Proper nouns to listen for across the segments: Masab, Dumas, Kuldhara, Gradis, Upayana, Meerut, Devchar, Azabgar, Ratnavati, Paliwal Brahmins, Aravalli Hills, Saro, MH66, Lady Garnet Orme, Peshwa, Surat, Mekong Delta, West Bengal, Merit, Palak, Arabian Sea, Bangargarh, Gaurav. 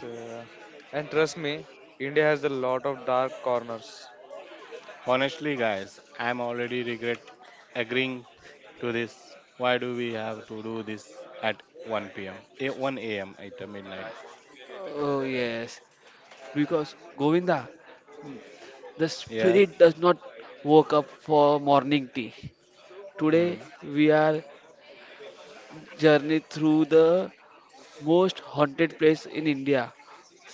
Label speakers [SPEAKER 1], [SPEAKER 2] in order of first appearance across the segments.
[SPEAKER 1] So, and trust me, India has a lot of dark corners.
[SPEAKER 2] Honestly, guys, I'm already regret agreeing to this. Why do we have to do this at 1 p.m. 1 a.m. at midnight?
[SPEAKER 3] Oh yes, because Govinda, the
[SPEAKER 2] Yes.
[SPEAKER 3] spirit does not wake up for morning tea. Today
[SPEAKER 2] Hmm.
[SPEAKER 3] we are journey through the most haunted place in India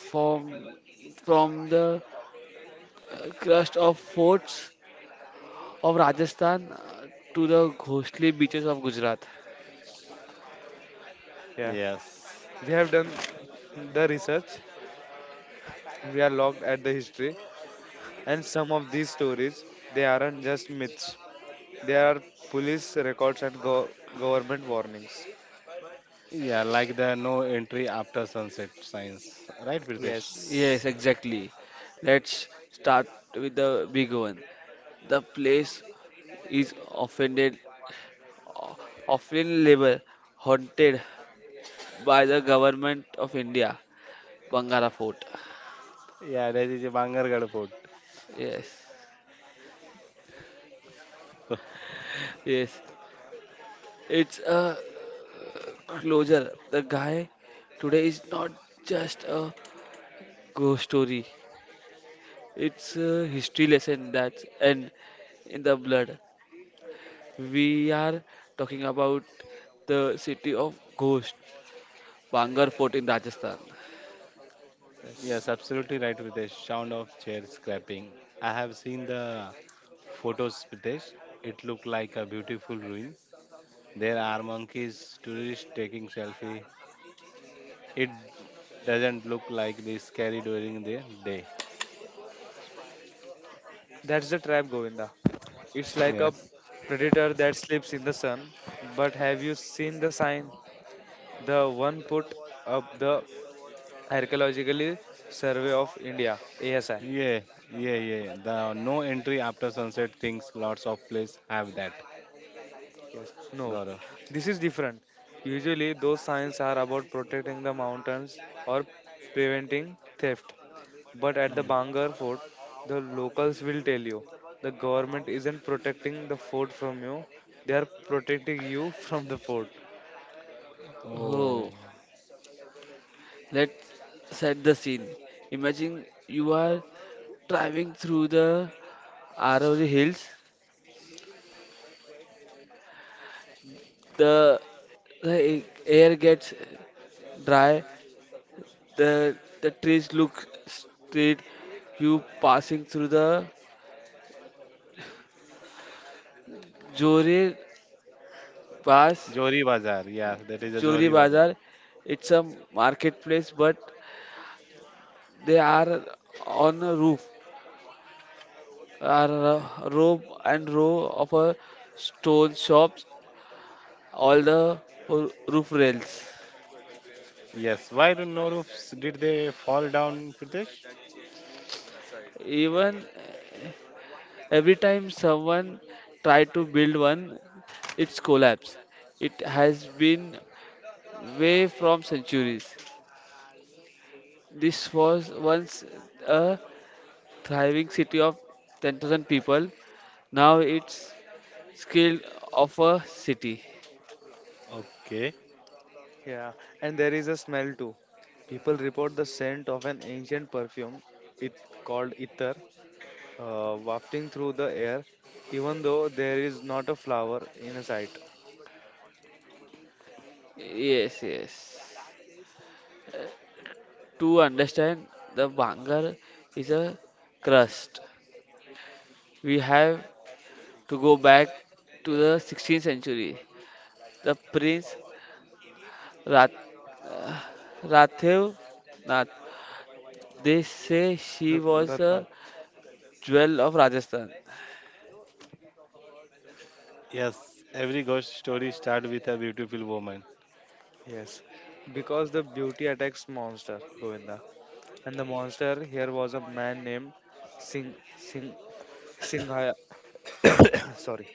[SPEAKER 3] from from the crust of forts of Rajasthan to the ghostly beaches of Gujarat.
[SPEAKER 1] Yeah,
[SPEAKER 2] Yes.
[SPEAKER 1] we have done the research. We are looked at the history, and some of these stories they aren't just myths. They are police records and government warnings.
[SPEAKER 2] Yeah, like the no entry after sunset signs, right, Pritesh?
[SPEAKER 1] Yes.
[SPEAKER 3] Yes, exactly. Let's start with the big one. The place is offended, often labeled haunted by the government of India, Bangara Fort.
[SPEAKER 2] Yeah, that is a Bangargarh fort.
[SPEAKER 3] Yes, yes. It's a closure. The guy today is not just a ghost story. It's a history lesson that's and in the blood. We are talking about the city of ghost, Bangar Fort in Rajasthan.
[SPEAKER 2] Yes, absolutely right, Pritesh. Sound of chair scraping. I have seen the photos, Pritesh. It looked like a beautiful ruin. There are monkeys, tourists taking selfie, it doesn't look like they scary during the day.
[SPEAKER 1] That's the trap, Govinda. It's like a
[SPEAKER 2] Yes.
[SPEAKER 1] predator that sleeps in the sun. But have you seen the sign? The one put up the Archaeological Survey of India, ASI.
[SPEAKER 2] Yeah, yeah, yeah, yeah.
[SPEAKER 1] But
[SPEAKER 2] The
[SPEAKER 1] then
[SPEAKER 2] no
[SPEAKER 1] I
[SPEAKER 2] entry
[SPEAKER 1] met a
[SPEAKER 2] after
[SPEAKER 1] small
[SPEAKER 2] sunset
[SPEAKER 1] tea
[SPEAKER 2] things
[SPEAKER 1] stall
[SPEAKER 2] lots
[SPEAKER 1] owner,
[SPEAKER 2] of
[SPEAKER 1] you
[SPEAKER 2] place have
[SPEAKER 1] know, who
[SPEAKER 2] that.
[SPEAKER 1] smile and say life is Yes, also a No, journey.
[SPEAKER 2] Gaurav.
[SPEAKER 1] This is different. Usually, those signs are about protecting the and mountains in that or moment, I realized that preventing wasn't theft. But at the such a
[SPEAKER 2] Hmm.
[SPEAKER 1] Bangar word fort, or how the locals will tell you is about the government how isn't protecting the fort from you, they are protecting you from the fort.
[SPEAKER 2] Oh,
[SPEAKER 3] Oh, let's set the scene. Imagine you are driving through the Aravalli Hills. The, the air gets dry. The trees look straight. You passing through the Jore Pass
[SPEAKER 2] Johri Bazaar. Yeah, that is a
[SPEAKER 3] Chori
[SPEAKER 2] Johri Bazaar.
[SPEAKER 3] Bazar. It's a marketplace, but they are on a roof, are a row and row of a stone shops, all the roof rails.
[SPEAKER 2] Yes. Why do no roofs? Did they fall down, Pritesh?
[SPEAKER 3] Even every time someone try to build one, it's collapse. It has been way from centuries. This was once a thriving city of 10,000 people. Now it's skilled of a city.
[SPEAKER 2] Okay.
[SPEAKER 1] Yeah, and there is a smell too. People report the scent of an ancient perfume, it called ether, wafting through the air, even though there is not a flower in sight.
[SPEAKER 3] Yes, yes. To understand the Bangar is a crust, we have to go back to the 16th century. The prince Rat, uh, Rathev Nath. They say she
[SPEAKER 1] The
[SPEAKER 3] was
[SPEAKER 1] Ratna.
[SPEAKER 3] a jewel of Rajasthan.
[SPEAKER 2] Yes. Every ghost story start with a beautiful woman.
[SPEAKER 1] Yes, because the beauty attacks monster, Govinda. And the monster here was a man named Singh Singhaya. Sorry,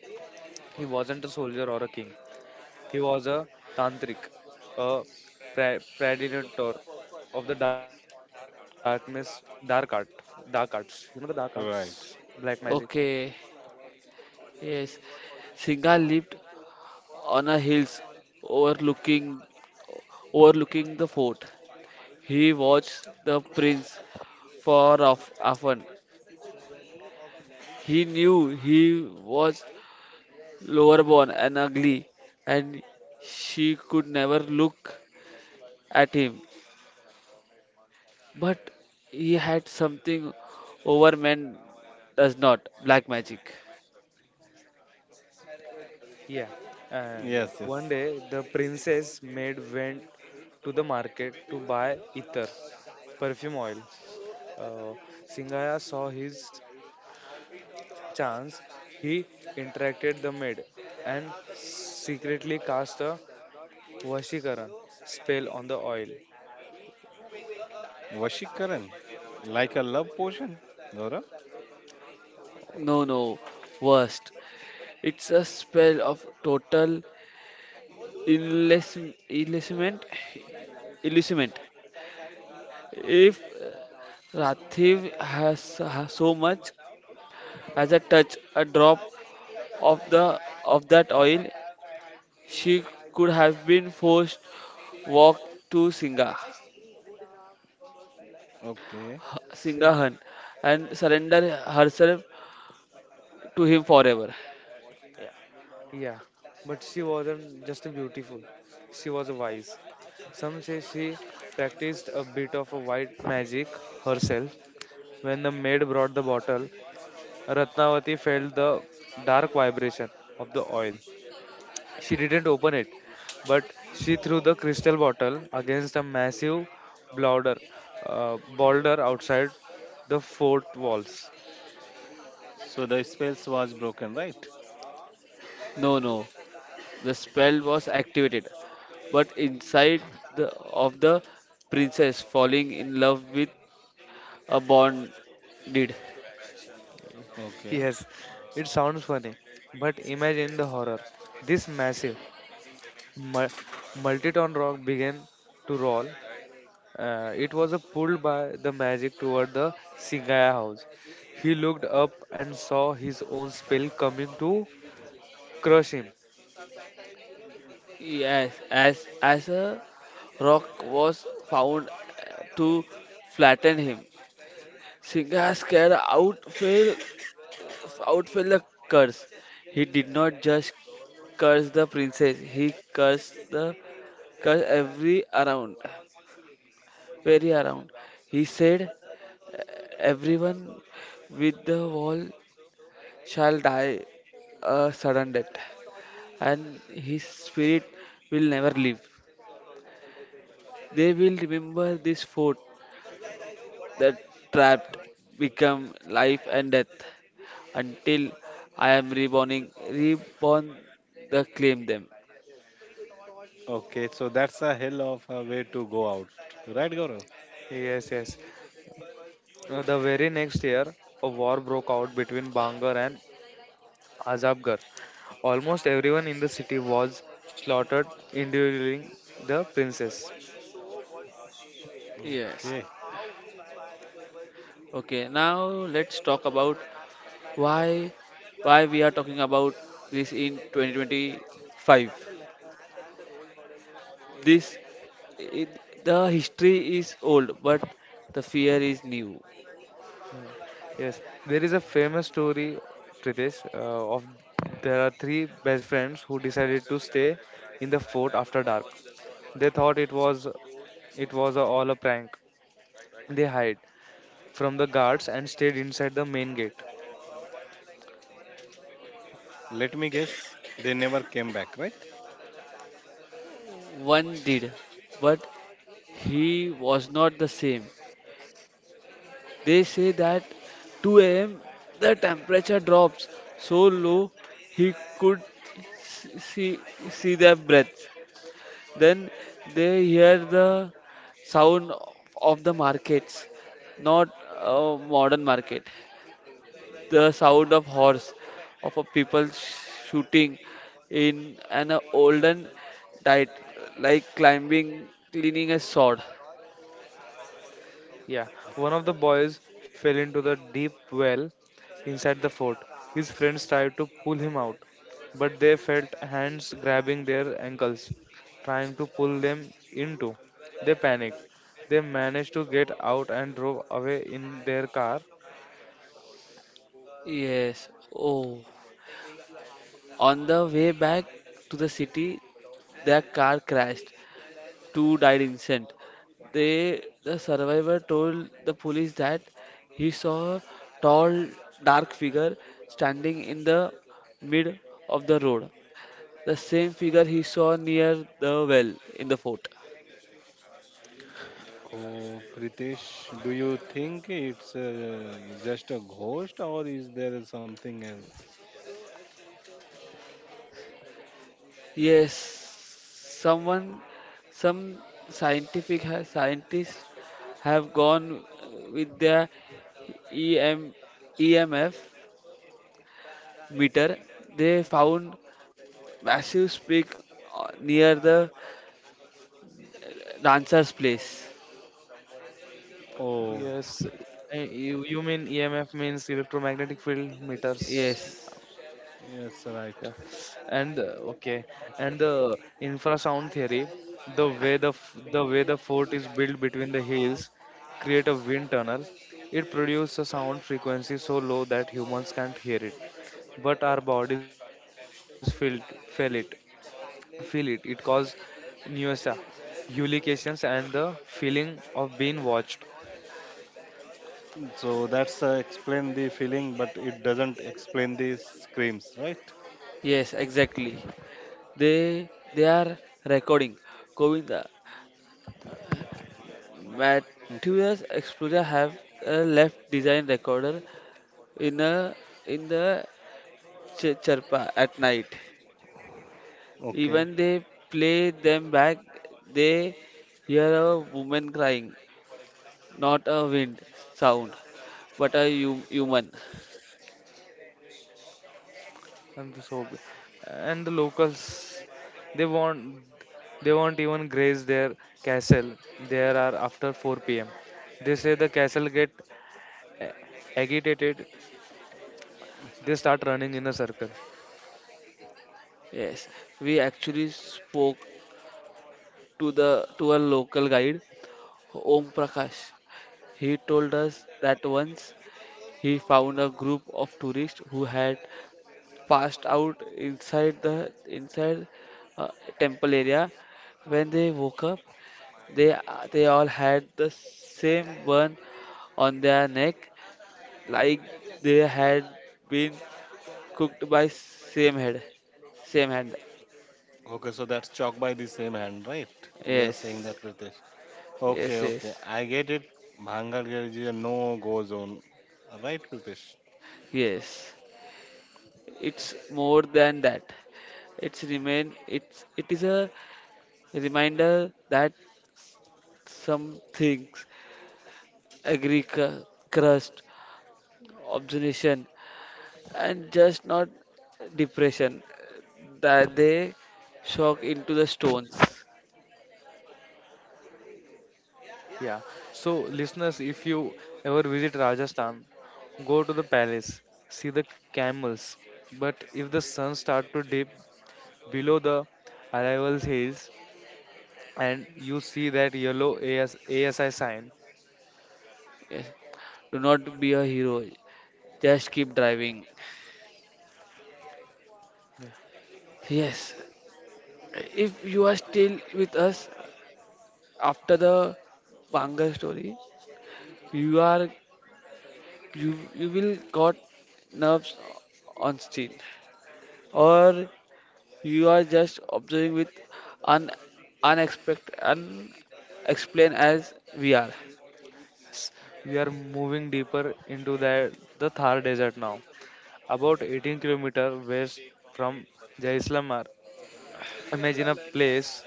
[SPEAKER 1] he wasn't a soldier or a king. He was a tantric, a progenitor of the darkness, dark art, dark arts. You know the dark arts, black
[SPEAKER 2] Right.
[SPEAKER 1] magic.
[SPEAKER 3] Okay, yes. Singha lived on a hills overlooking overlooking the fort. He watched the prince far off often. He knew he was lower born and ugly, and she could never look at him. But he had something over men does not black magic.
[SPEAKER 1] Yeah, and
[SPEAKER 2] Yes, yes.
[SPEAKER 1] one day the princess maid went to the market to buy ether, perfume oil. Uh, Singaya saw his chance. He interacted the maid and secretly cast a Vashikaran spell on the oil.
[SPEAKER 2] Vashikaran. Like a love potion, Gaurav.
[SPEAKER 3] No, no, worst. It's a spell of total illusion, illusionment. Illusionment. If Rathiv has so much as a touch, a drop of that oil, she could have been forced walk to Singha,
[SPEAKER 2] Okay.
[SPEAKER 1] Sing.
[SPEAKER 3] Singhahan and surrender herself to him forever.
[SPEAKER 1] Yeah. Yeah. But she wasn't just beautiful. She was wise. Some say she practiced a bit of a white magic herself. When the maid brought the bottle, Ratnavati felt the dark vibration of the oil. She didn't open it, but she threw the crystal bottle against a massive boulder, boulder outside the fort walls.
[SPEAKER 2] So the spells was broken, right?
[SPEAKER 3] No, no. The spell was activated, but inside of the princess falling in love with a bond did.
[SPEAKER 2] Okay.
[SPEAKER 1] Yes, it sounds funny, but imagine the horror. This massive, mul- multi-ton rock began to roll. It was pulled by the magic toward the Singaya house. He looked up and saw his own spell coming to crush him.
[SPEAKER 3] Yes, as a rock was found to flatten him. Singha, scared out, fell outfell the curse. He did not just curse the princess, he cursed the curse every around, very around. He said, everyone with the wall shall die a sudden death, and his spirit will never leave. They will remember this fort that trapped become life and death until I am reborn the claim them.
[SPEAKER 2] Okay, so that's a hell of a way to go out, right, Gaurav?
[SPEAKER 1] Yes, yes. The very next year, a war broke out between Bangar and Azabgar. Almost everyone in the city was slaughtered, enduring the princess.
[SPEAKER 2] Okay.
[SPEAKER 3] Yes. Okay, now let's talk about why why we are talking about this in 2025. This it, the history is old, but the fear is new.
[SPEAKER 1] Yeah. Yes, there is a famous story, Pritesh, of there are three best friends who decided to stay in the fort after dark. They thought it was a, all a prank. They hid from the guards and stayed inside the main gate.
[SPEAKER 2] Let me guess, they never came back, right?
[SPEAKER 3] One did, but he was not the same. They say that 2 a.m. the temperature drops so low he could s- see see their breath. Then they hear the sound of the markets, not a modern market. The sound of horse, of a people shooting in an olden diet, like climbing, cleaning a sword.
[SPEAKER 1] Yeah, one of the boys fell into the deep well inside the fort. His friends tried to pull him out, but they felt hands grabbing their ankles, trying to pull them into. They panicked. They managed to get out and drove away in their car.
[SPEAKER 3] Yes. Oh. On the way back to the city, their car crashed. Two died instant. They, the survivor told the police that he saw a tall, dark figure standing in the mid of the road. The same figure he saw near the well in the fort.
[SPEAKER 2] Oh, Pritesh, do you think it's just a ghost or is there something else?
[SPEAKER 3] Yes, someone, some scientists have gone with their E M E M F meter. They found massive peak near the dancers place.
[SPEAKER 2] Oh,
[SPEAKER 1] Yes, you mean EMF means electromagnetic field meters.
[SPEAKER 3] Yes,
[SPEAKER 2] yes, right.
[SPEAKER 1] Yeah. And okay and the infrasound theory the way the fort is built between the hills create a wind tunnel. It produces a sound frequency so low that humans can't hear it, but our bodies feel it feel it. It causes nausea, hallucinations and the feeling of being watched.
[SPEAKER 2] So that's explain the feeling, but it doesn't explain the screams, right?
[SPEAKER 3] yes exactly, they they are recording, Govinda,
[SPEAKER 2] Mm,
[SPEAKER 3] materials exposure have a left design recorder in a in the charpa at night.
[SPEAKER 2] Okay.
[SPEAKER 3] Even they play them back, they hear a woman crying, not a wind sound, but a human.
[SPEAKER 1] And the soap and the locals they want they won't even graze their castle there are after 4 p.m. They say the castle get a- agitated. They start running in a circle.
[SPEAKER 3] Yes, we actually spoke to the to a local guide Om Prakash. He told us that once he found a group of tourists who had passed out inside uh, temple area. When they woke up, they they all had the same burn on their neck, like they had been cooked by same head, same hand.
[SPEAKER 2] Okay, so that's chalk by the same hand, right? You are saying
[SPEAKER 3] Yes,
[SPEAKER 2] that, Pritesh. Okay,
[SPEAKER 3] yes,
[SPEAKER 2] okay.
[SPEAKER 3] yes,
[SPEAKER 2] I get it. Bhangargarh is a no-go zone. Right, Pritesh?
[SPEAKER 3] yes. It's more than that. It's remain it's It is a reminder that some things agree crust, obsession and just not depression that they shock into the stones.
[SPEAKER 1] Yeah, so listeners, if you ever visit Rajasthan, go to the palace, see the camels. But if the sun start to dip below the arrivals hills and you see that yellow ASI sign.
[SPEAKER 3] Yes. Do not be a hero. Just keep driving. Yes. If you are still with us after the Banga story, you are you will got nerves on steel or you are just observing with un unexpected unexplained as we are
[SPEAKER 1] Yes, we are moving deeper into the Thar Desert now, about 18-kilometer west from Jaisalmer. Imagine a place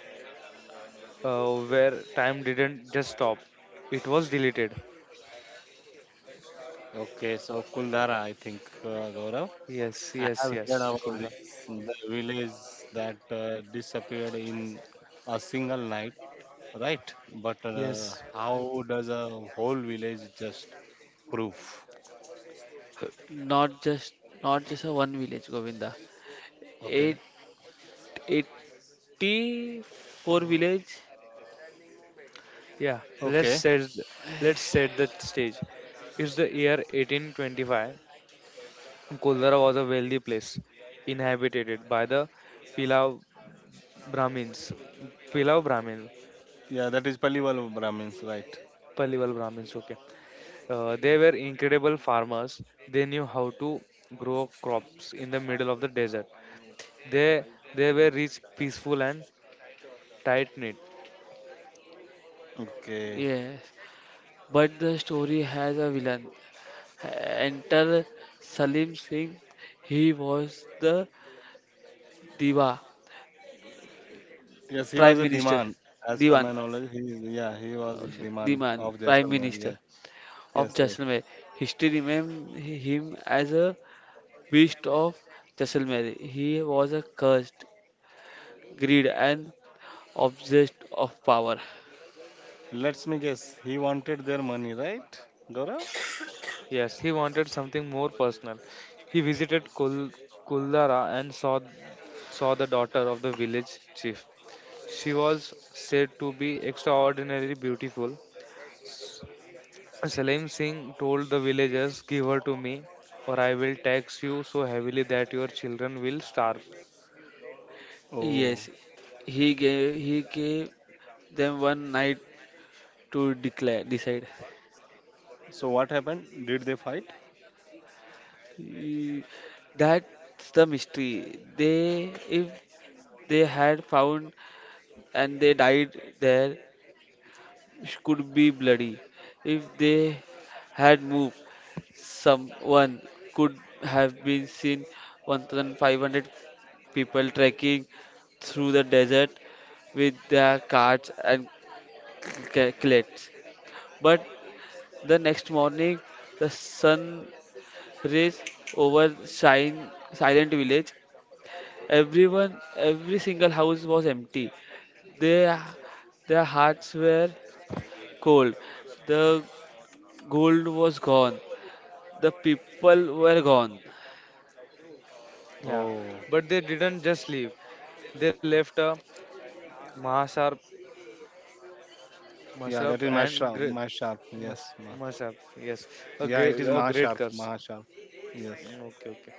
[SPEAKER 1] where time didn't just stop; it was deleted.
[SPEAKER 2] Okay, so Kuldhara, I think, Gaurav.
[SPEAKER 1] Yes,
[SPEAKER 2] I
[SPEAKER 1] yes,
[SPEAKER 2] have heard
[SPEAKER 1] yes,
[SPEAKER 2] about
[SPEAKER 1] Gulzar.
[SPEAKER 2] this, the village that disappeared in a single night, right? But
[SPEAKER 1] Yes,
[SPEAKER 2] how does a whole village just prove?
[SPEAKER 3] not just not just a one village, Govinda, eight
[SPEAKER 2] Okay,
[SPEAKER 3] eighty four village.
[SPEAKER 1] yeah. Let's
[SPEAKER 2] okay.
[SPEAKER 1] set let's set the stage. It's the year 1825. Koldara was a wealthy place inhabited by the Pilav Brahmins. Pilav Brahmins,
[SPEAKER 2] Yeah, that is Paliwal Brahmins, right?
[SPEAKER 1] Pallival Brahmins, okay. They were incredible farmers. They knew how to grow crops in the middle of the desert. They they were rich, peaceful, and tight knit.
[SPEAKER 2] Okay.
[SPEAKER 3] Yes, but the story has a villain. Enter Salim Singh. He was the diva
[SPEAKER 2] Yes, he was a
[SPEAKER 3] prime minister,
[SPEAKER 2] demand. As per my
[SPEAKER 3] divan
[SPEAKER 2] knowledge, he is, yeah, he was a
[SPEAKER 3] uh,
[SPEAKER 2] demand
[SPEAKER 3] divan
[SPEAKER 2] of
[SPEAKER 3] prime
[SPEAKER 2] Jaisalmer.
[SPEAKER 3] minister
[SPEAKER 2] Yes,
[SPEAKER 3] of
[SPEAKER 2] yes, yes.
[SPEAKER 3] Jaisalmer. History remembers him as a beast of Jaisalmer. He was a cursed, greed, and obsessed of power.
[SPEAKER 2] Let me guess. He wanted their money, right, Gaurav?
[SPEAKER 1] Yes, he wanted something more personal. He visited Kuldara and saw the daughter of the village chief. She was said to be extraordinarily beautiful. Salim Singh told the villagers, "Give her to me, or I will tax you so heavily that your children will starve."
[SPEAKER 2] Oh,
[SPEAKER 3] Yes, he gave them one night to declare decide.
[SPEAKER 2] so what happened? Did they fight?
[SPEAKER 3] Y- That's the mystery. They if they had found and they died there could be bloody. If they had moved, someone could have been seen 1,500 people trekking through the desert with their carts and cleats. But the next morning, the sun rays over shine, silent village. Everyone, every single house was empty. Their, their hearts were cold. The gold was gone. The people were gone.
[SPEAKER 1] Yeah,
[SPEAKER 2] Oh,
[SPEAKER 1] but they didn't just leave. They left a Mahasar
[SPEAKER 2] yeah, that is
[SPEAKER 1] Masab and
[SPEAKER 2] Mahasharp.
[SPEAKER 1] great
[SPEAKER 2] Mahasharp.
[SPEAKER 1] mas Masab. Yes, a
[SPEAKER 2] Yeah, it is
[SPEAKER 1] great, a
[SPEAKER 2] Mahasharp.
[SPEAKER 1] great curse.
[SPEAKER 2] Mahasharp. Yes.
[SPEAKER 1] Mm, okay, okay.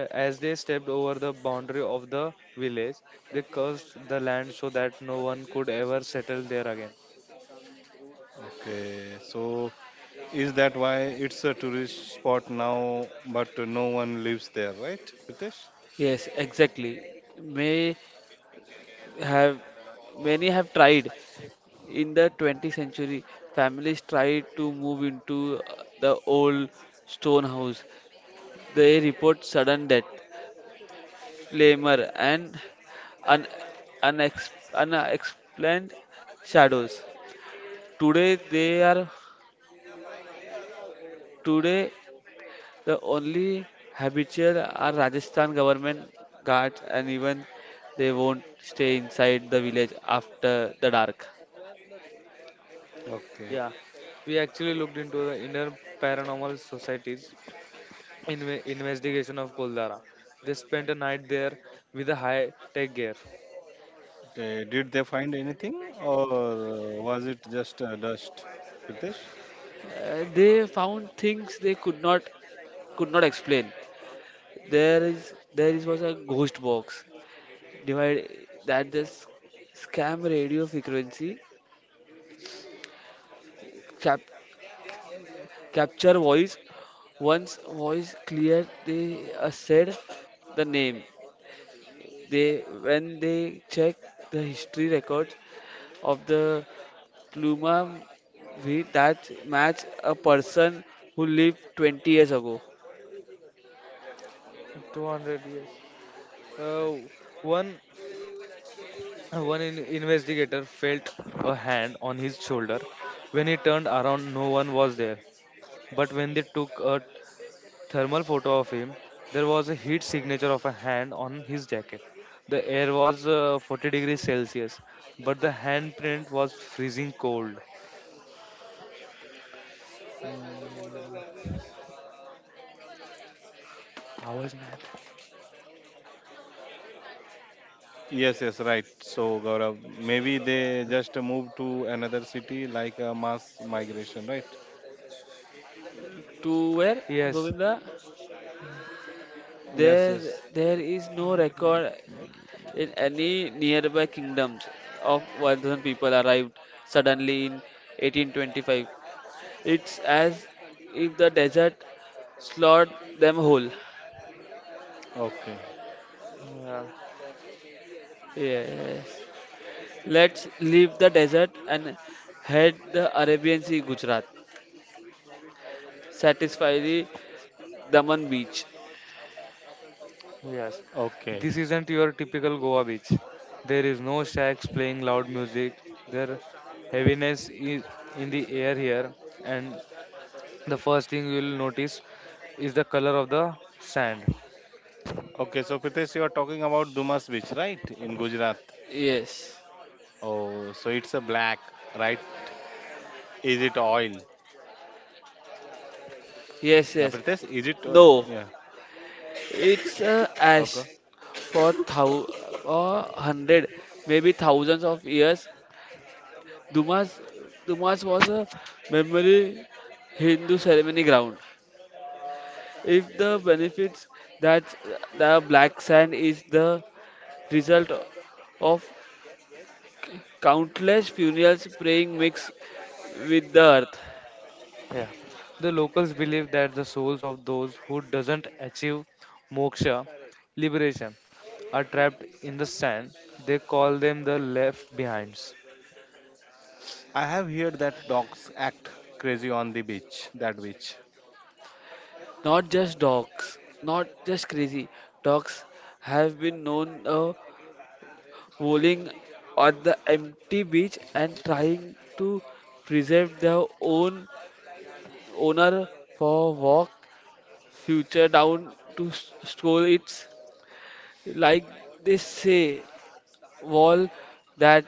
[SPEAKER 1] As they stepped over the boundary of the village, they cursed the land so that no one could ever settle there again.
[SPEAKER 2] Okay, so is that why it's a tourist spot now, but no one lives there, right, Pritesh?
[SPEAKER 3] Yes, exactly. May have Many have tried. In the 20th century, families tried to move into the old stone house. They report sudden death, flamer, and un- unexplained shadows. Today, they are Today the only habitual are Rajasthan government guards, and even they won't stay inside the village after the dark.
[SPEAKER 2] Okay.
[SPEAKER 1] Yeah, we actually looked into the inner paranormal societies investigation of Koldara. They spent a night there with a high tech gear.
[SPEAKER 2] Okay, did they find anything or was it just dust, Pritesh?
[SPEAKER 3] They found things they could not explain. There is was a ghost box divide that the scam radio frequency cap, capture voice. Once voice clear, they said the name. They when they check the history records of the Pluma, we that match a person who lived 20 years ago.
[SPEAKER 1] 200 years. Uh, one one investigator felt a hand on his shoulder. When he turned around, no one was there. But when they took a thermal photo of him, there was a heat signature of a hand on his jacket. The air was 40 degrees Celsius, but the handprint was freezing cold. आवाज नहीं आता.
[SPEAKER 2] Yes, yes, right. So, Gaurav, maybe they just moved to another city like a mass migration, right?
[SPEAKER 3] To where,
[SPEAKER 1] Yes,
[SPEAKER 3] Govinda?
[SPEAKER 2] Yes,
[SPEAKER 3] There,
[SPEAKER 2] yes.
[SPEAKER 3] there is no record in any nearby kingdoms of Vardhan people arrived suddenly in 1825. It's as if the desert slot them whole.
[SPEAKER 2] Okay,
[SPEAKER 3] Yes. Let's leave the desert and head the Arabian Sea, Gujarat. Satisfy the Daman beach.
[SPEAKER 2] okay.
[SPEAKER 1] this isn't your typical Goa beach. There is no shacks playing loud music. Their heaviness is in the air here, and the first thing you will notice is the color of the sand.
[SPEAKER 2] Okay, so Pritesh, you are talking about Dumas Beach, right? In Gujarat.
[SPEAKER 3] Yes.
[SPEAKER 2] Oh, so it's a black, right? Is it oil? Yeah,
[SPEAKER 3] Yes, yes.
[SPEAKER 2] Pritesh,
[SPEAKER 3] No.
[SPEAKER 2] Yeah,
[SPEAKER 3] It's a
[SPEAKER 2] okay.
[SPEAKER 3] ash for thou or hundred, maybe thousands of years. Dumas, Dumas was a memory Hindu ceremony ground. If the benefits that the black sand is the result of countless funerals praying mixed with the earth,
[SPEAKER 1] Yeah, the locals believe that the souls of those who doesn't achieve moksha, liberation, are trapped in the sand. They call them the left behinds.
[SPEAKER 2] I have heard that dogs act crazy on the beach, that beach.
[SPEAKER 3] not just dogs, not just crazy dogs have been known. Fooling on the empty beach and trying to preserve their own owner for walk future down to stroll, it's like they say wall that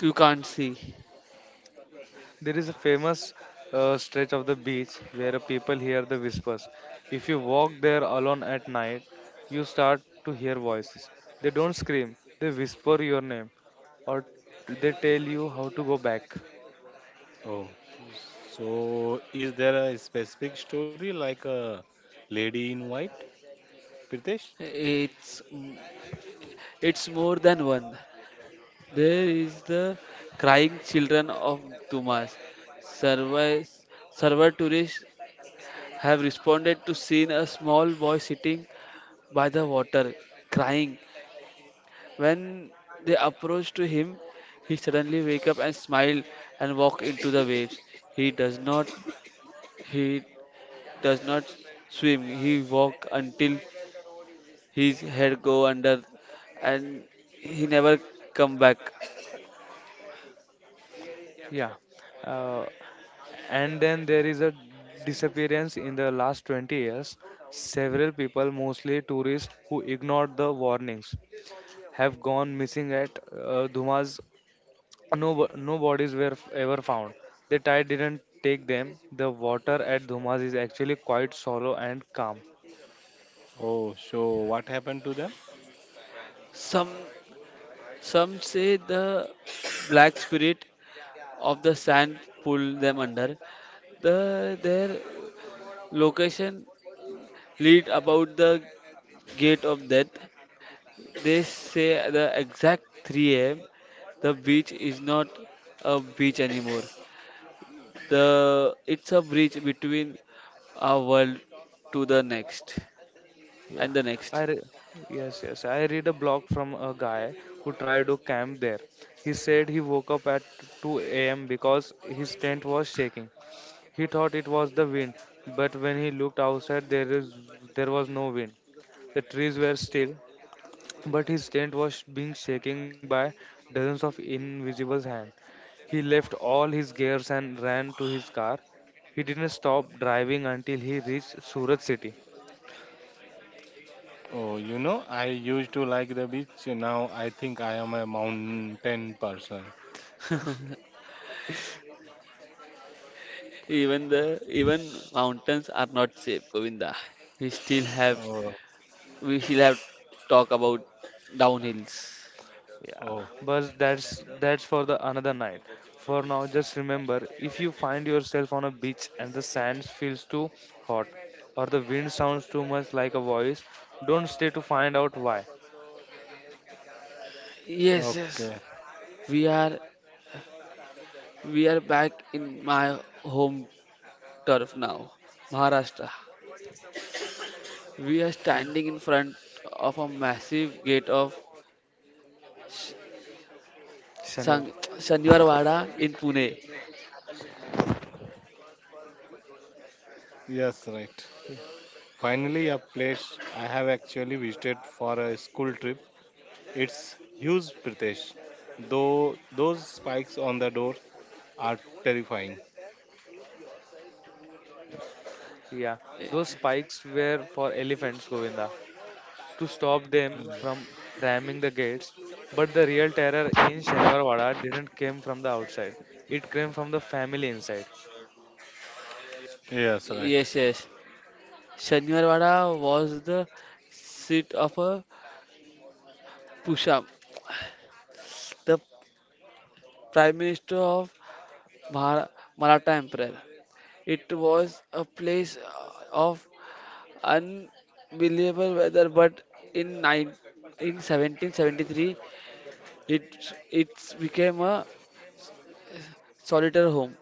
[SPEAKER 3] you can't see.
[SPEAKER 1] There is a famous stretch of the beach where people hear the whispers. If you walk there alone at night, you start to hear voices. They don't scream, they whisper your name or they tell you how to go back.
[SPEAKER 2] Oh, so is there a specific story like a lady in white, Pritesh?
[SPEAKER 3] It's it's more than one. There is the crying children of Dumas. Survey, survey tourists have responded to seeing a small boy sitting by the water, crying. When they approached to him, he suddenly wake up and smile and walk into the waves. He does not he does not swim. He walk until his head go under and he never come back.
[SPEAKER 1] Yeah. Uh, and then there is a disappearance in the last 20 years. Several people, mostly tourists who ignored the warnings, have gone missing at Dhuma's. No, no bodies were ever found. The tide didn't take them. The water at Dhumas is actually quite shallow and calm.
[SPEAKER 2] Oh, so what happened to them?
[SPEAKER 3] Some some say the black spirit of the sand pull them under. The their location lead about the gate of death. They say at the exact 3 a.m. the beach is not a beach anymore. The it's a bridge between our world to the next
[SPEAKER 1] Yeah,
[SPEAKER 3] and the
[SPEAKER 1] I
[SPEAKER 3] next.
[SPEAKER 1] re- yes, yes. I read a blog from a guy who tried to camp there. He said he woke up at 2 a.m. because his tent was shaking. He thought it was the wind, but when he looked outside, there was no wind. The trees were still. But his tent was being shaken by dozens of invisible hands. He left all his gears and ran to his car. He didn't stop driving until he reached Surat city.
[SPEAKER 2] Oh, you know, I used to like the beach. Now I think I am a mountain person.
[SPEAKER 3] Even mountains are not safe, Govinda. We still have
[SPEAKER 2] Oh,
[SPEAKER 3] we still have talk about downhills.
[SPEAKER 1] Yeah,
[SPEAKER 2] oh,
[SPEAKER 1] but that's for the another night. For now, just remember, if you find yourself on a beach and the sand feels too hot or the wind sounds too much like a voice, don't stay to find out why.
[SPEAKER 3] Yes, yes.
[SPEAKER 2] okay.
[SPEAKER 3] We are we are back in my home turf now, Maharashtra. We are standing in front of a massive gate of Sh-
[SPEAKER 1] Senior.
[SPEAKER 3] Sang- Shaniwarwada in Pune.
[SPEAKER 2] Yes, right.
[SPEAKER 1] Yeah,
[SPEAKER 2] Finally, a place I have actually visited for a school trip. It's huge, Pritesh. Though those spikes on the door are terrifying.
[SPEAKER 1] yeah, those spikes were for elephants, Govinda, to stop them from ramming the gates. But the real terror in Shaniwarwada didn't come from the outside; it came from the family inside.
[SPEAKER 2] Yes, right.
[SPEAKER 3] Yes, yes. Shaniwarwada was the seat of a Pusham, the Prime Minister of Mahara- Maratha Empire. It was a place of unbelievable weather, but in, nine, in 1773, it, it became a solitary home,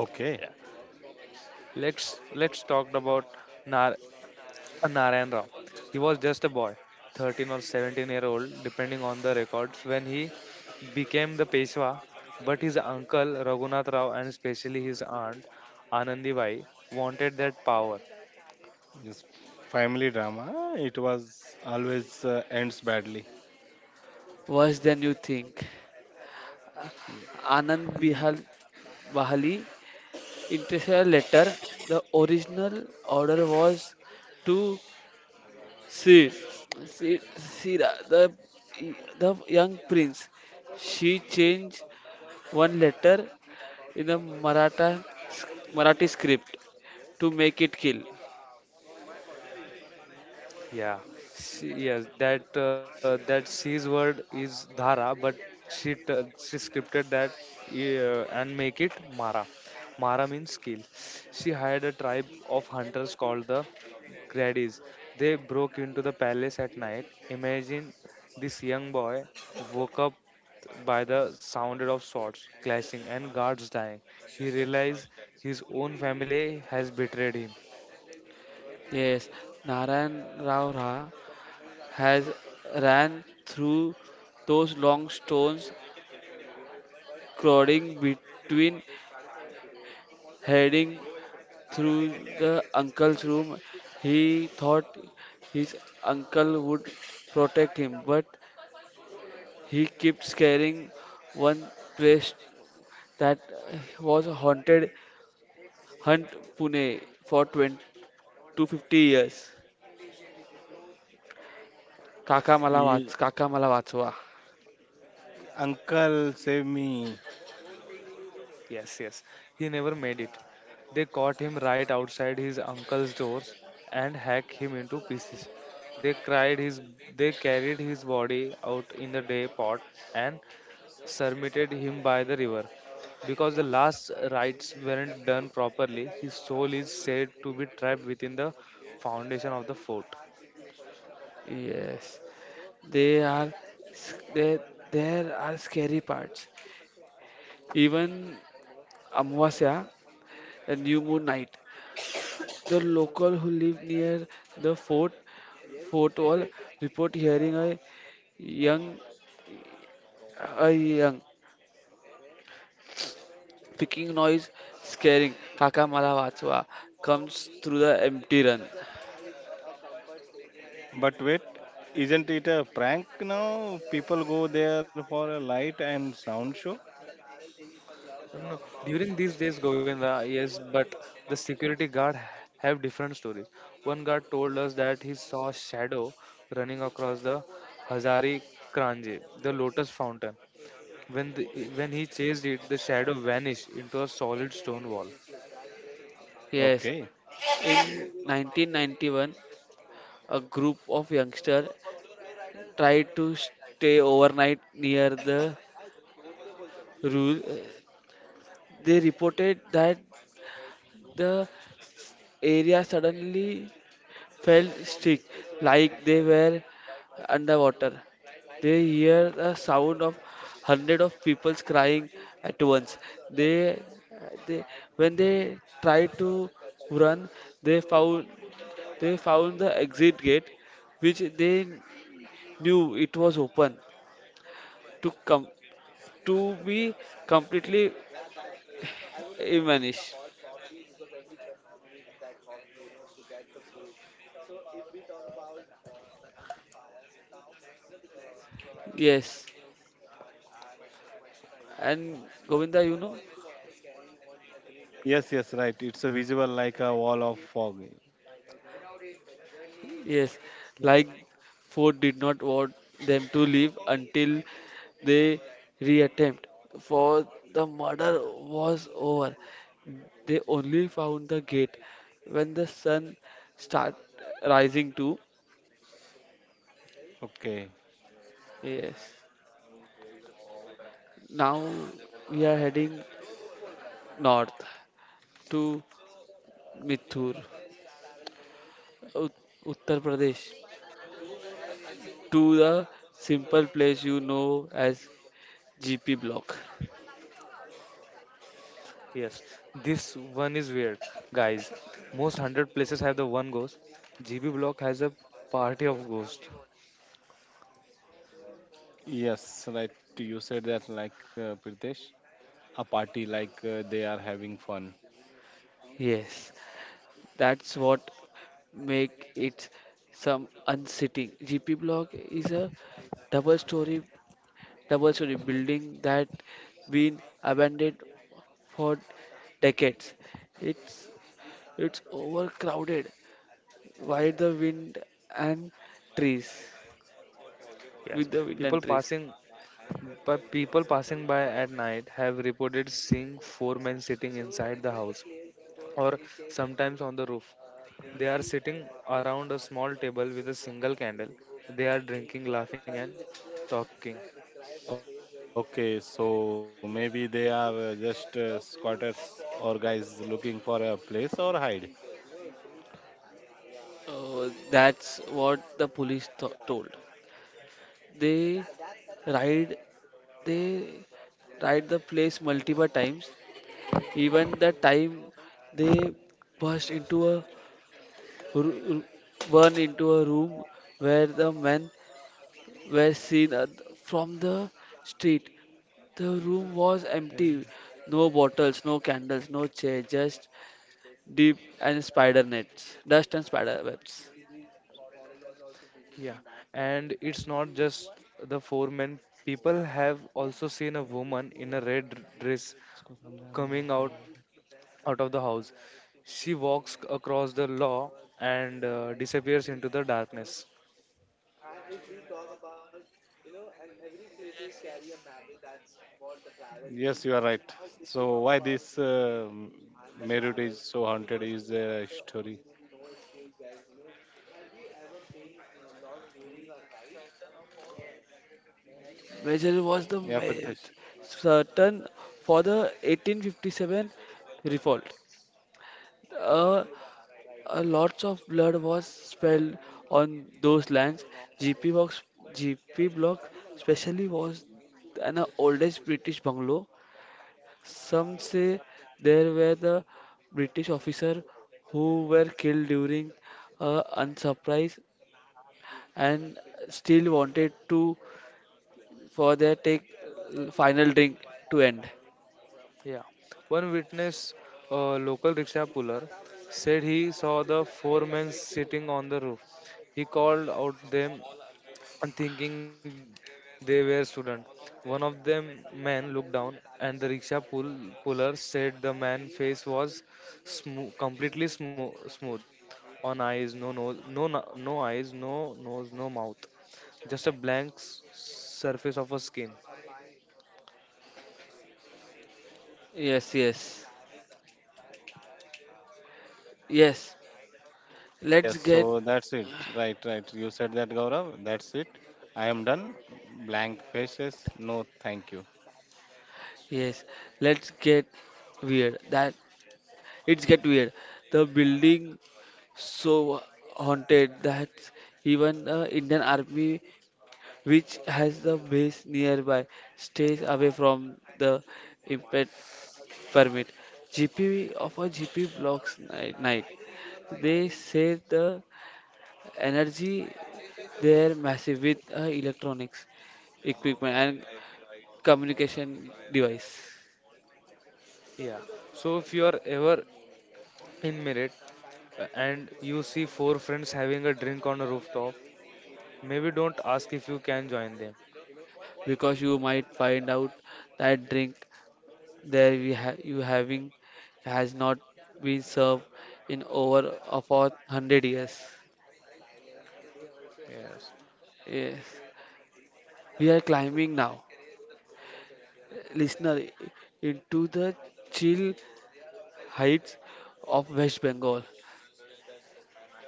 [SPEAKER 1] Yeah, let's talk about Nar Narayan Rao. He was just a boy, 13 or 17-year-old, depending on the records, when he became the Peshwa. But his uncle Raghunath Rao and especially his aunt Anandibai wanted that power.
[SPEAKER 2] Yes. Family drama. It was always ends badly.
[SPEAKER 3] worse than you think. Anand
[SPEAKER 2] E-
[SPEAKER 3] Bihal Bahali intercepted letter. The original order was to see Sira, the young prince. She changed one letter in the Maratha Marathi script to make it kill.
[SPEAKER 1] Yeah, she, yes, that C's word is Dhara, but she scripted that, and make it Mara. Mara means skill. She hired a tribe of hunters called the Gradis. They broke into the palace at night. Imagine this young boy woke up by the sound of swords clashing and guards dying. He realized his own family has betrayed him.
[SPEAKER 3] Yes, Narayan Rao Ra has ran through those long stones, crowding between heading through the uncle's room. He thought his uncle would protect him, but he kept scaring one place that was haunted Hunt Pune for 20 to 50 years.
[SPEAKER 2] e-
[SPEAKER 3] Kaka Mala Vatswa.
[SPEAKER 2] Uncle, save me.
[SPEAKER 1] Yes, yes. He never made it. They caught him right outside his uncle's doors and hacked him into pieces. They cried his they carried his body out in the day pot and submitted him by the river. Because the last rites weren't done properly, his soul is said to be trapped within the foundation of the fort.
[SPEAKER 3] Yes, they are there. There are scary parts. Even Amavasya, the new moon night. The local who live near the fort Fourth wall report hearing a young young picking noise scaring Kakamalawatsua comes through the empty run.
[SPEAKER 2] But wait, isn't it a prank now? People go there for a light and sound show.
[SPEAKER 1] No, during these days, Govinda, yes, but the security guard have different stories. One guard told us that he saw a shadow running across the Hazari Kranje, the lotus fountain. When the, when he chased it, the shadow vanished into a solid stone wall.
[SPEAKER 3] Yes,
[SPEAKER 2] Okay.
[SPEAKER 3] in 1991, a group of youngsters tried to stay overnight near the rule. They reported that the area suddenly felt sick, like they were underwater. They hear the sound of hundred of people crying at once. They, they when they tried to run, they found they found the exit gate, which they knew it was open to come to be completely vanished. Yes, and Govinda, you know.
[SPEAKER 2] Yes, yes, right. It's a visual like a wall of fog.
[SPEAKER 3] Yes,
[SPEAKER 1] Yeah.
[SPEAKER 3] like Ford did not want them to leave until they reattempt for the murder was over. They only found the gate when the sun start rising too.
[SPEAKER 2] Okay.
[SPEAKER 3] Yes. Now we are heading north to Mithur, Ut- Uttar Pradesh, to the simple place you know as GP Block.
[SPEAKER 1] Yes, this one is weird, guys. Most hundred places have the one ghost. GB Block has a party of ghosts.
[SPEAKER 2] Yes, right. You said that like Pritesh. A party like they are having fun.
[SPEAKER 3] Yes, that's what make it some unsitting. GP block is a double story double story building that been abandoned for decades. It's it's overcrowded by the wind and trees
[SPEAKER 1] Yes,
[SPEAKER 3] with the wind
[SPEAKER 1] people
[SPEAKER 3] and trees.
[SPEAKER 1] passing people passing by at night have reported seeing four men sitting inside the house or sometimes on the roof. They are sitting around a small table with a single candle. They are drinking, laughing and talking.
[SPEAKER 2] Okay, so maybe they are just squatters or guys looking for a place or hide.
[SPEAKER 3] That's what the police told. They ride they ride the place multiple times. Even the time they burst into a r- r- one into a room where the men were seen from the street. The room was empty.
[SPEAKER 2] Eh,
[SPEAKER 3] No bottles, no candles, no chair, just deep and spider nets, dust and spider webs.
[SPEAKER 1] Yeah, and it's not just the four men. People have also seen a
[SPEAKER 2] eh,
[SPEAKER 1] woman in a red dress
[SPEAKER 2] इसको समझा मैंने
[SPEAKER 1] coming
[SPEAKER 2] और
[SPEAKER 1] out
[SPEAKER 2] समझा.
[SPEAKER 1] out of the house. She walks across the law and disappears into the darkness.
[SPEAKER 2] Yes, you are right. So why this Meerut is so haunted is a story.
[SPEAKER 3] Major was the
[SPEAKER 2] Yeah, Pritesh.
[SPEAKER 3] certain for the 1857 revolt. A a lots of blood was spilled on those lands. GP box, GP block, especially was an oldest British bungalow. Some say there were the British officer who were killed during unsurprise and still wanted to for their take final drink to end.
[SPEAKER 1] Yeah. One witness, a local rickshaw puller, said he saw the four men sitting on the roof. He called out them and thinking they were students. One of them men looked down and the rickshaw puller said the man's face was completely smooth on eyes no nose no eyes no nose no mouth just a blank surface of a skin.
[SPEAKER 3] Yes, yes, yes. Let's
[SPEAKER 2] Yes,
[SPEAKER 3] get
[SPEAKER 2] so that's it. Right, right. You said that, Gaurav. That's it. I am done. Blank faces. No, thank you.
[SPEAKER 3] yes. Let's get weird. It's get weird. The building so haunted that even the Indian Army, which has the base nearby, stays away from the impact permit. GP of a GP blocks night. Night. They say the energy there massive with electronics equipment and communication device
[SPEAKER 1] Yeah. So if you are ever in Merit and you see four friends having a drink on a rooftop, maybe don't ask if you can join them.
[SPEAKER 3] because you might find out that drink you having has not been served in over about 100 years.
[SPEAKER 1] Yes.
[SPEAKER 3] Yes. We are climbing now, listener, into the chill heights of West Bengal.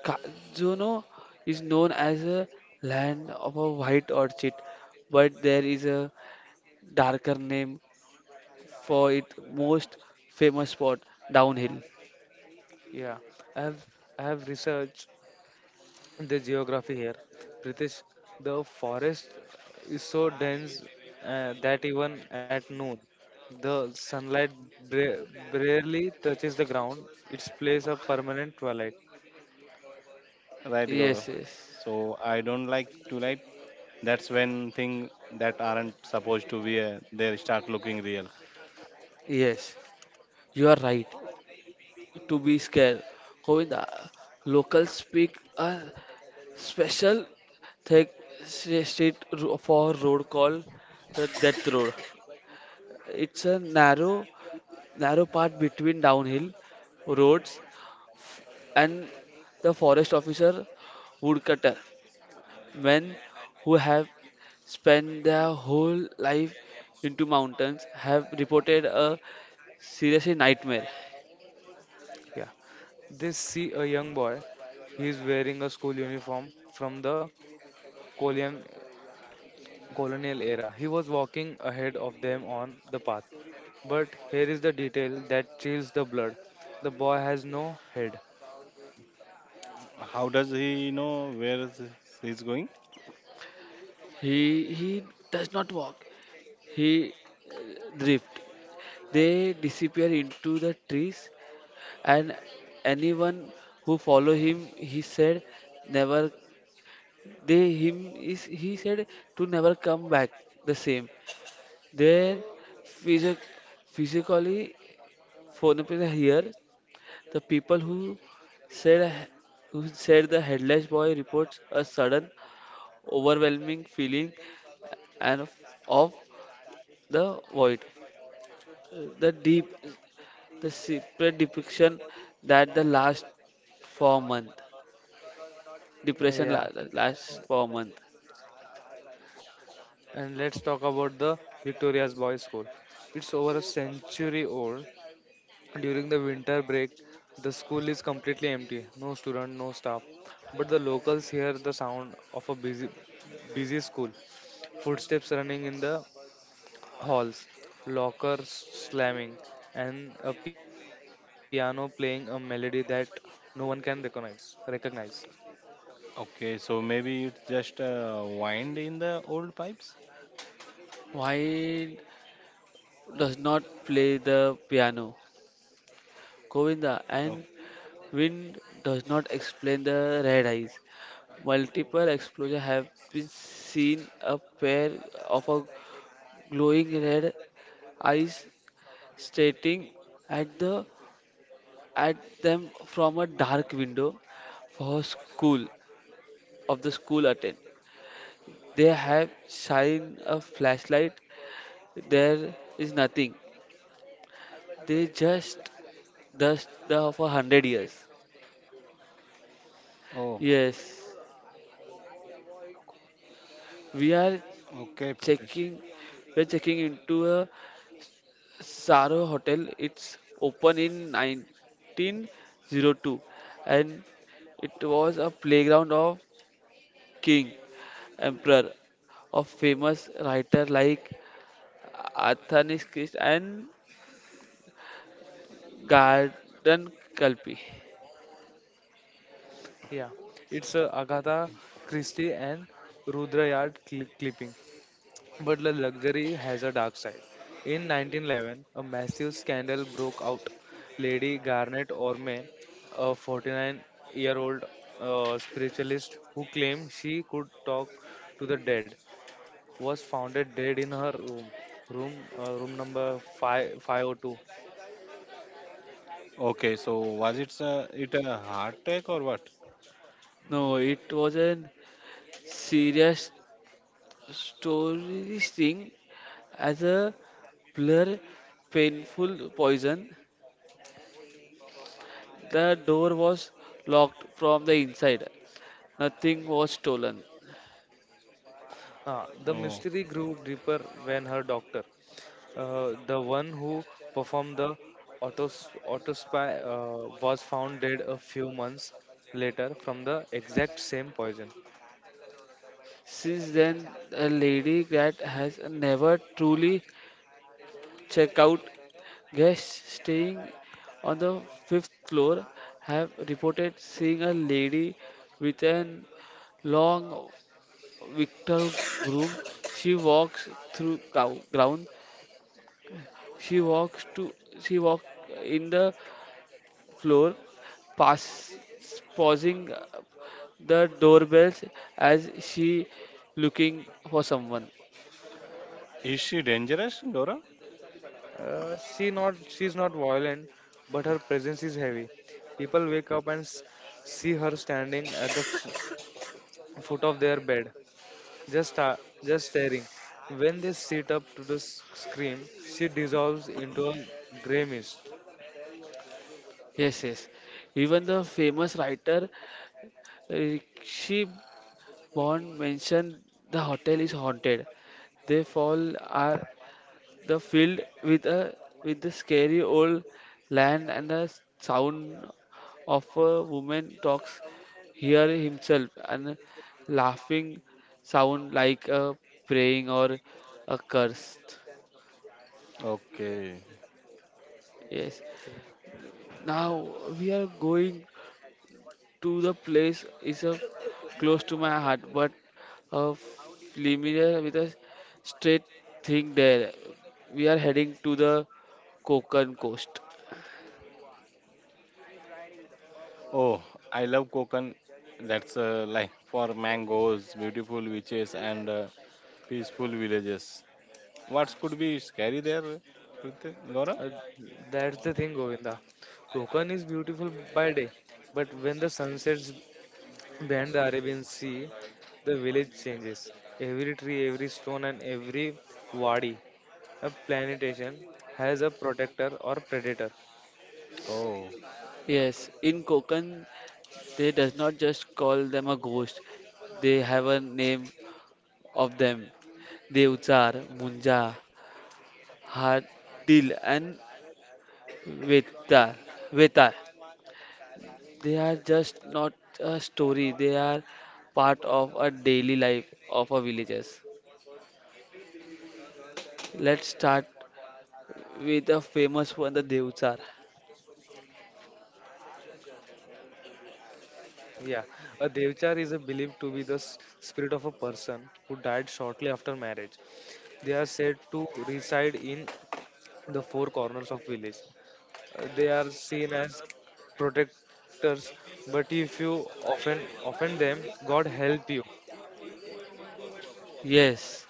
[SPEAKER 3] Kazono is known as a land of a white orchid, but there is a darker name for its most famous spot, downhill.
[SPEAKER 1] Yeah. I have I have researched the geography here. Pritesh, the forest is so dense that even at noon, the sunlight bra- barely touches the ground. It plays a permanent twilight.
[SPEAKER 2] Right, Gaurav.
[SPEAKER 3] Yes, yes,
[SPEAKER 2] So I don't like to light, that's when things that aren't supposed to be there start looking real.
[SPEAKER 3] yes. You are right. To be scared. Govinda, locals speak a special thick for road called the Death Road. It's a narrow, narrow path between downhill roads and the forest officer woodcutter, men who have spent their whole life into mountains have reported a serious nightmare.
[SPEAKER 1] Yeah. They see a young boy. He is wearing a school uniform from the colon- colonial era. He was walking ahead of them on the path. But here is the detail that chills the blood. The boy has no head.
[SPEAKER 2] How does he know where is he's going?
[SPEAKER 3] He he does not walk. He drifts. They disappear into the trees, and anyone who follow him, he said, never. They him is he said to never come back the same. Their physic, physically, for example, here the people who said said the headless boy reports a sudden overwhelming feeling and of, of the void the deep. The separate depiction that the last 4 month depression
[SPEAKER 1] Yeah.
[SPEAKER 3] last 4 month.
[SPEAKER 1] And let's talk about the Victoria's Boys School. It's over a century old. During the winter break, the school is completely empty. No student, no staff, but the locals hear the sound of a busy school, footsteps running in the halls, lockers slamming, and a piano playing a melody that no one can recognize.
[SPEAKER 2] Okay, so maybe it's just wind in the old pipes.
[SPEAKER 3] Why does not play the piano? Govinda
[SPEAKER 2] Oh,
[SPEAKER 3] and wind does not explain the red eyes. Multiple explosions have been seen a pair of a glowing red eyes staring at the at them from a dark window for school of the school attend. They have shine a flashlight. There is nothing. They just dust the for hundred years.
[SPEAKER 2] oh,
[SPEAKER 3] Yes, we are
[SPEAKER 2] okay, Pritesh.
[SPEAKER 3] checking. We're checking into a Saro hotel. It's open in 1902, and it was a playground of king, emperor, of famous writer like Athanas Christ and Garden Kalpi.
[SPEAKER 1] Yeah, it's Agatha Christie and Rudyard But the luxury has a dark side. In 1911, a massive scandal broke out. Lady Garnet Orme, a 49-year-old spiritualist who claimed she could talk to the dead, was found dead in her room, room number 5502.
[SPEAKER 2] Okay, so was it it a heart attack or what?
[SPEAKER 3] No, it was an serious story sting as a blur, painful poison. The door was locked from the inside. Nothing was stolen.
[SPEAKER 1] Ah, the
[SPEAKER 2] Oh,
[SPEAKER 1] mystery grew deeper when her doctor, the one who performed the autos autopsy was found dead a few months later from the exact same poison.
[SPEAKER 3] Since then, a lady cat has never truly checked out. Guests staying on the fifth floor have reported seeing a lady with an long victor broom. She walks through cow- ground She walks to she walked in the floor, pass pausing the doorbells as she looking for someone.
[SPEAKER 2] is she dangerous, dora?
[SPEAKER 1] She's not violent, but her presence is heavy. People wake up and see her standing at the foot of their bed, just sta- just staring. When they sit up to the scream, she dissolves into a gray mist.
[SPEAKER 3] Yes, yes. Even the famous writer Rishi Bond mentioned the hotel is haunted. They fall are the field with a with the scary old land and the sound of a woman talks hear himself and laughing sound like a praying or a curse.
[SPEAKER 2] Okay.
[SPEAKER 3] Yes, now we are going to the place is a close to my heart but a familiar with a straight thing there. We are heading to the Kokan coast.
[SPEAKER 2] Oh, I love Konkan. That's a life for mangoes, beautiful beaches, and peaceful villages. What could be scary there, Gaurav?
[SPEAKER 1] Uh, that's the thing, Govinda. Konkan is beautiful by day, but when the sun sets behind the Arabian Sea, the village changes. Every tree, every stone, and every wadi, a plantation, has a protector or predator.
[SPEAKER 2] Oh,
[SPEAKER 3] Yes, in Kokan they does not just call them a ghost. They have a name of them. Devchar, Munja, Hadil and Vetar. Vetar. They are just not a story. They are part of a daily life of our villagers. Let's start with a
[SPEAKER 1] The
[SPEAKER 3] famous one, the Devchar.
[SPEAKER 1] So, yeah, guys, a devchar is a believed to be the spirit of a person who died shortly after marriage. They are said to reside in the four corners of village. They are seen as protectors, but if you offend offend them, God help you.
[SPEAKER 3] Yes.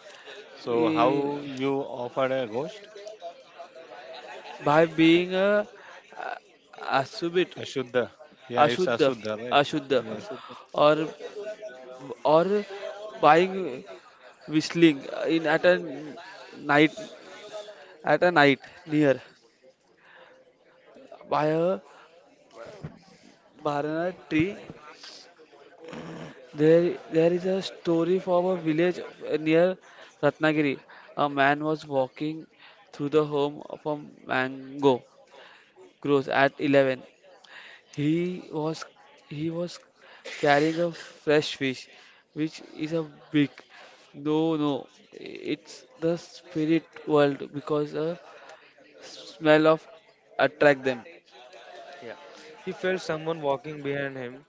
[SPEAKER 2] so
[SPEAKER 3] Eh,
[SPEAKER 2] how you offered a ghost?
[SPEAKER 3] by being a asubit,
[SPEAKER 2] Ashuddha. Yeah, it's
[SPEAKER 3] ashudha,
[SPEAKER 2] Ashuddha, right?
[SPEAKER 3] ashudha,
[SPEAKER 2] Yes.
[SPEAKER 1] Ashutosh.
[SPEAKER 3] or or buying whistling in night at a night near by a banana tree. There is a story from a village near Ratnagiri. A man was walking through the home of a mango grows at 11. He was he was carrying a fresh fish, which is a big. No, no, it's the spirit world because a smell of attract them.
[SPEAKER 1] Yeah. He felt someone walking behind him.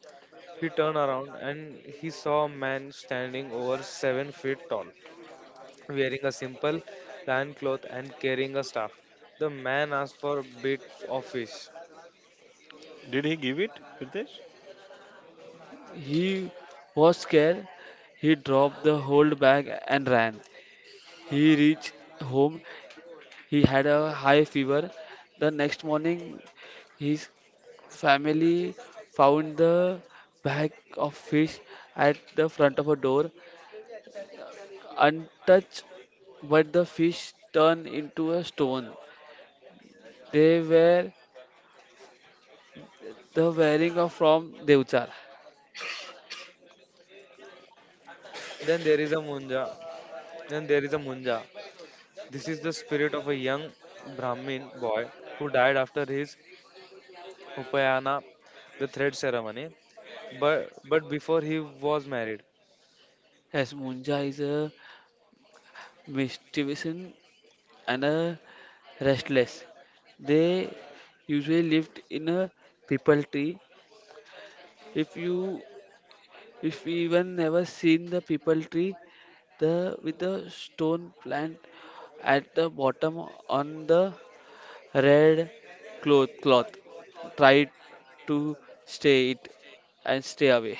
[SPEAKER 1] He turned around and he saw a man standing over 7 feet tall, wearing a simple plain cloth and carrying a staff. The man asked for a bit of fish.
[SPEAKER 2] Did he give it, Pritesh?
[SPEAKER 3] He was scared. He dropped the whole bag and ran. He reached home. He had a high fever. The next morning, his family found the bag of fish at the front of a door, untouched, but the fish turned into a stone. They were the wearing of from Devchar.
[SPEAKER 1] Then there is a Munja. Then there is a Munja. This is the spirit of a young Brahmin boy who died after his Upayana, the thread ceremony. But before he was married.
[SPEAKER 3] Yes, Munja is a mischievous and are restless. They usually lived in a people tree. If you if you even never seen the people tree, the with the stone plant at the bottom on the red cloth. Try to stay it and stay away.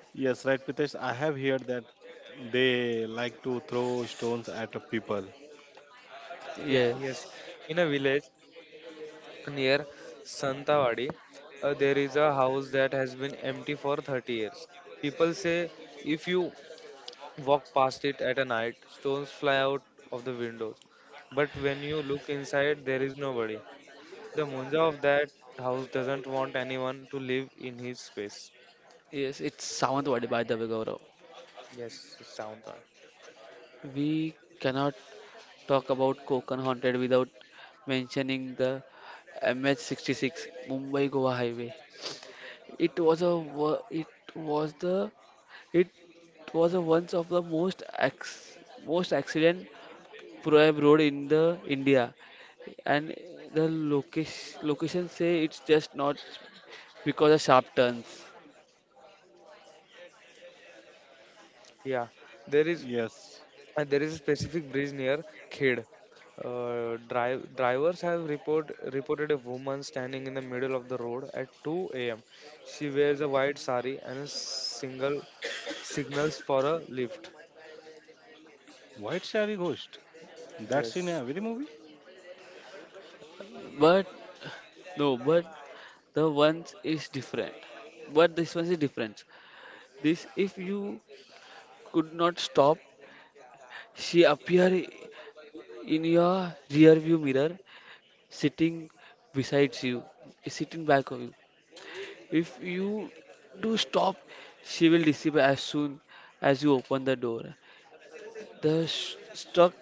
[SPEAKER 2] Yes, right, Pritesh. I have heard that they like to throw stones at people.
[SPEAKER 3] Yes.
[SPEAKER 1] Yeah, yes. In a village near Santawadi, there is a house that has been empty for 30 years. People say if you walk past it at a night, stones fly out of the windows. But when you look inside, there is nobody. The Munja of that house doesn't want anyone to live in his space.
[SPEAKER 3] Yes, it's Sawantwadi by the way, Gaurav.
[SPEAKER 1] Yes, sound on.
[SPEAKER 3] We cannot talk about Konkan Haunted without mentioning the MH66 Mumbai Goa Highway. It was a wo- it was the it was a once of the most accident prohibited road in the India, and the location say it's just not because of sharp turns,
[SPEAKER 1] Yeah, there is.
[SPEAKER 2] Yes.
[SPEAKER 1] And there is a specific bridge near Khed. Drivers have reported a woman standing in the middle of the road at 2 a.m. She wears a white sari and a single signals for a lift.
[SPEAKER 2] White Shari ghost. That's in every
[SPEAKER 1] Yes,
[SPEAKER 2] movie?
[SPEAKER 3] but no, but the ones is different. But this one is different. This if you could not stop she appear in your rear view mirror, sitting beside you, sitting back of you. If you do stop, she will disappear as soon as you open the door. The struck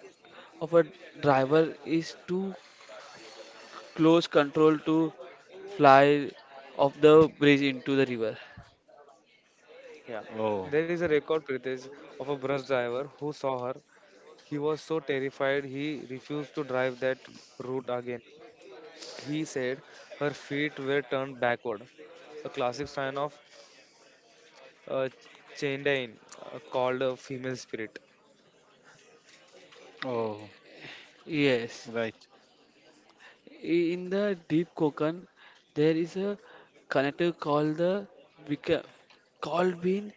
[SPEAKER 3] of a driver is too close control to fly off the bridge into the river.
[SPEAKER 1] yeah.
[SPEAKER 2] Oh.
[SPEAKER 1] There is a record, Pritesh, of a bus driver who saw her. He was so terrified he refused to drive that route again. He said her feet were turned backward, a classic sign of uh, Chandine, called a female spirit.
[SPEAKER 2] Oh,
[SPEAKER 3] Yes,
[SPEAKER 2] right.
[SPEAKER 3] in the deep Konkan, there is a connector called the Vika- called bean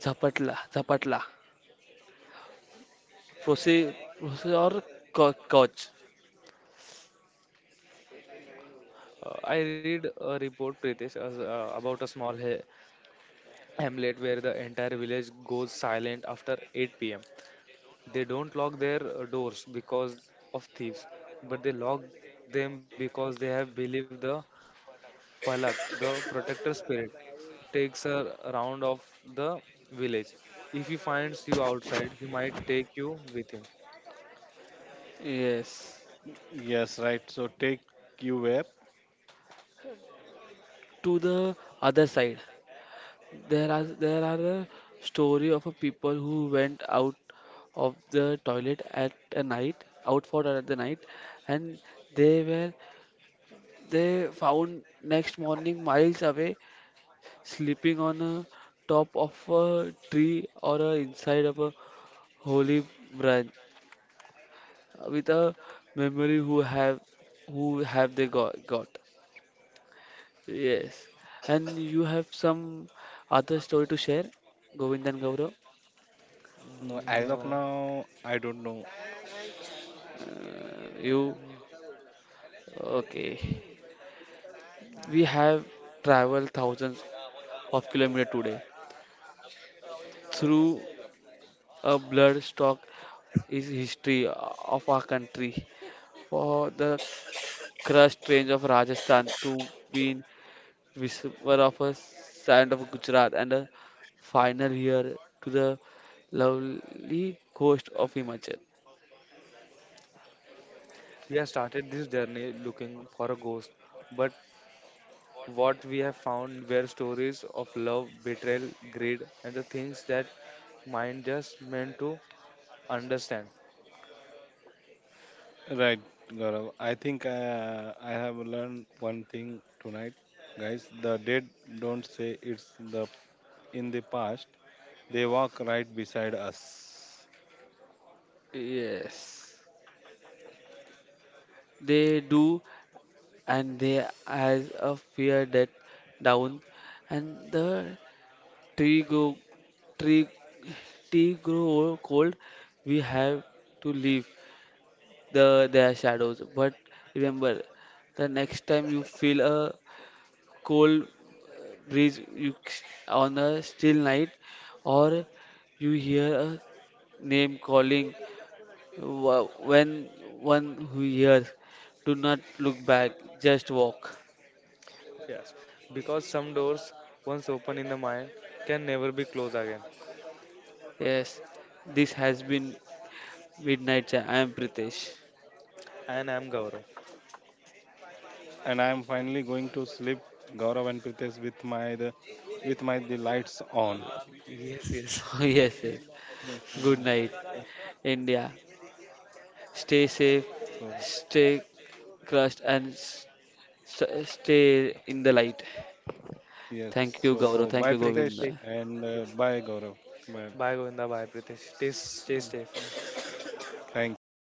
[SPEAKER 3] Zapatla, Zapatla, proceed, proceed or coach.
[SPEAKER 1] I read a report, Pritesh, about a small hamlet where the entire village goes silent after 8 p.m. They don't lock their doors because of thieves, but they lock them because they have believed the Palak, the protector spirit, takes a round of the village. If he finds you outside, he might take you with him.
[SPEAKER 3] Yes,
[SPEAKER 2] Yes, right. So take you where?
[SPEAKER 3] to the other side. There are a story of a people who went out of the toilet at a night, out for at the night, and they were they found next morning miles away, sleeping on a top of a tree or a inside of a holy branch. With a memory who have they got got. Yes, and you have some other story to share, Govindan? Gaurav?
[SPEAKER 2] No, as
[SPEAKER 1] Mm,
[SPEAKER 2] of
[SPEAKER 1] no.
[SPEAKER 2] now, I don't know.
[SPEAKER 3] You
[SPEAKER 1] Mm,
[SPEAKER 3] Okay.
[SPEAKER 1] okay.
[SPEAKER 3] We have traveled thousands of kilometers today through a bloodstock is history of our country for the crust range of Rajasthan to be whisper of a sound of Gujarat, and a final here to the lovely coast of Himachal.
[SPEAKER 1] We have started this journey looking for a ghost, but what we have found were stories of love, betrayal, greed, and the things that mind just meant to understand.
[SPEAKER 2] Right, Gaurav. I think I have learned one thing tonight, guys. The dead don't say it's the in the past. They walk right beside us.
[SPEAKER 3] Yes. They do, and they has a fear that down, and the tree go tree tree grow cold. We have to leave the their shadows, but remember, the next time you feel a cold breeze you on a still night or you hear a name calling. When one who hears, do not look back, just walk.
[SPEAKER 1] Yes, because some doors once open in the mind can never be closed again.
[SPEAKER 3] Yes, this has been Midnight I am Pritesh.
[SPEAKER 1] And I'm Gaurav.
[SPEAKER 2] And I am finally going to sleep, Gaurav and Pritesh, with my the lights on.
[SPEAKER 1] Yes, yes.
[SPEAKER 3] Yes, yes.
[SPEAKER 2] Yes,
[SPEAKER 3] Good night,
[SPEAKER 1] Thanks.
[SPEAKER 2] right.
[SPEAKER 3] India. Stay safe.
[SPEAKER 2] So
[SPEAKER 3] Stay crushed and stay in the light.
[SPEAKER 2] yes.
[SPEAKER 3] Thank you,
[SPEAKER 1] So,
[SPEAKER 3] Gaurav.
[SPEAKER 2] So
[SPEAKER 3] Thank
[SPEAKER 2] bye,
[SPEAKER 3] you,
[SPEAKER 1] Take,
[SPEAKER 3] Govinda.
[SPEAKER 2] Pritesh,
[SPEAKER 1] take.
[SPEAKER 2] and
[SPEAKER 1] Yes.
[SPEAKER 2] bye, Gaurav. Bye.
[SPEAKER 1] Bye, Govinda. Bye, Pritesh. Stay safe.
[SPEAKER 2] Thank you.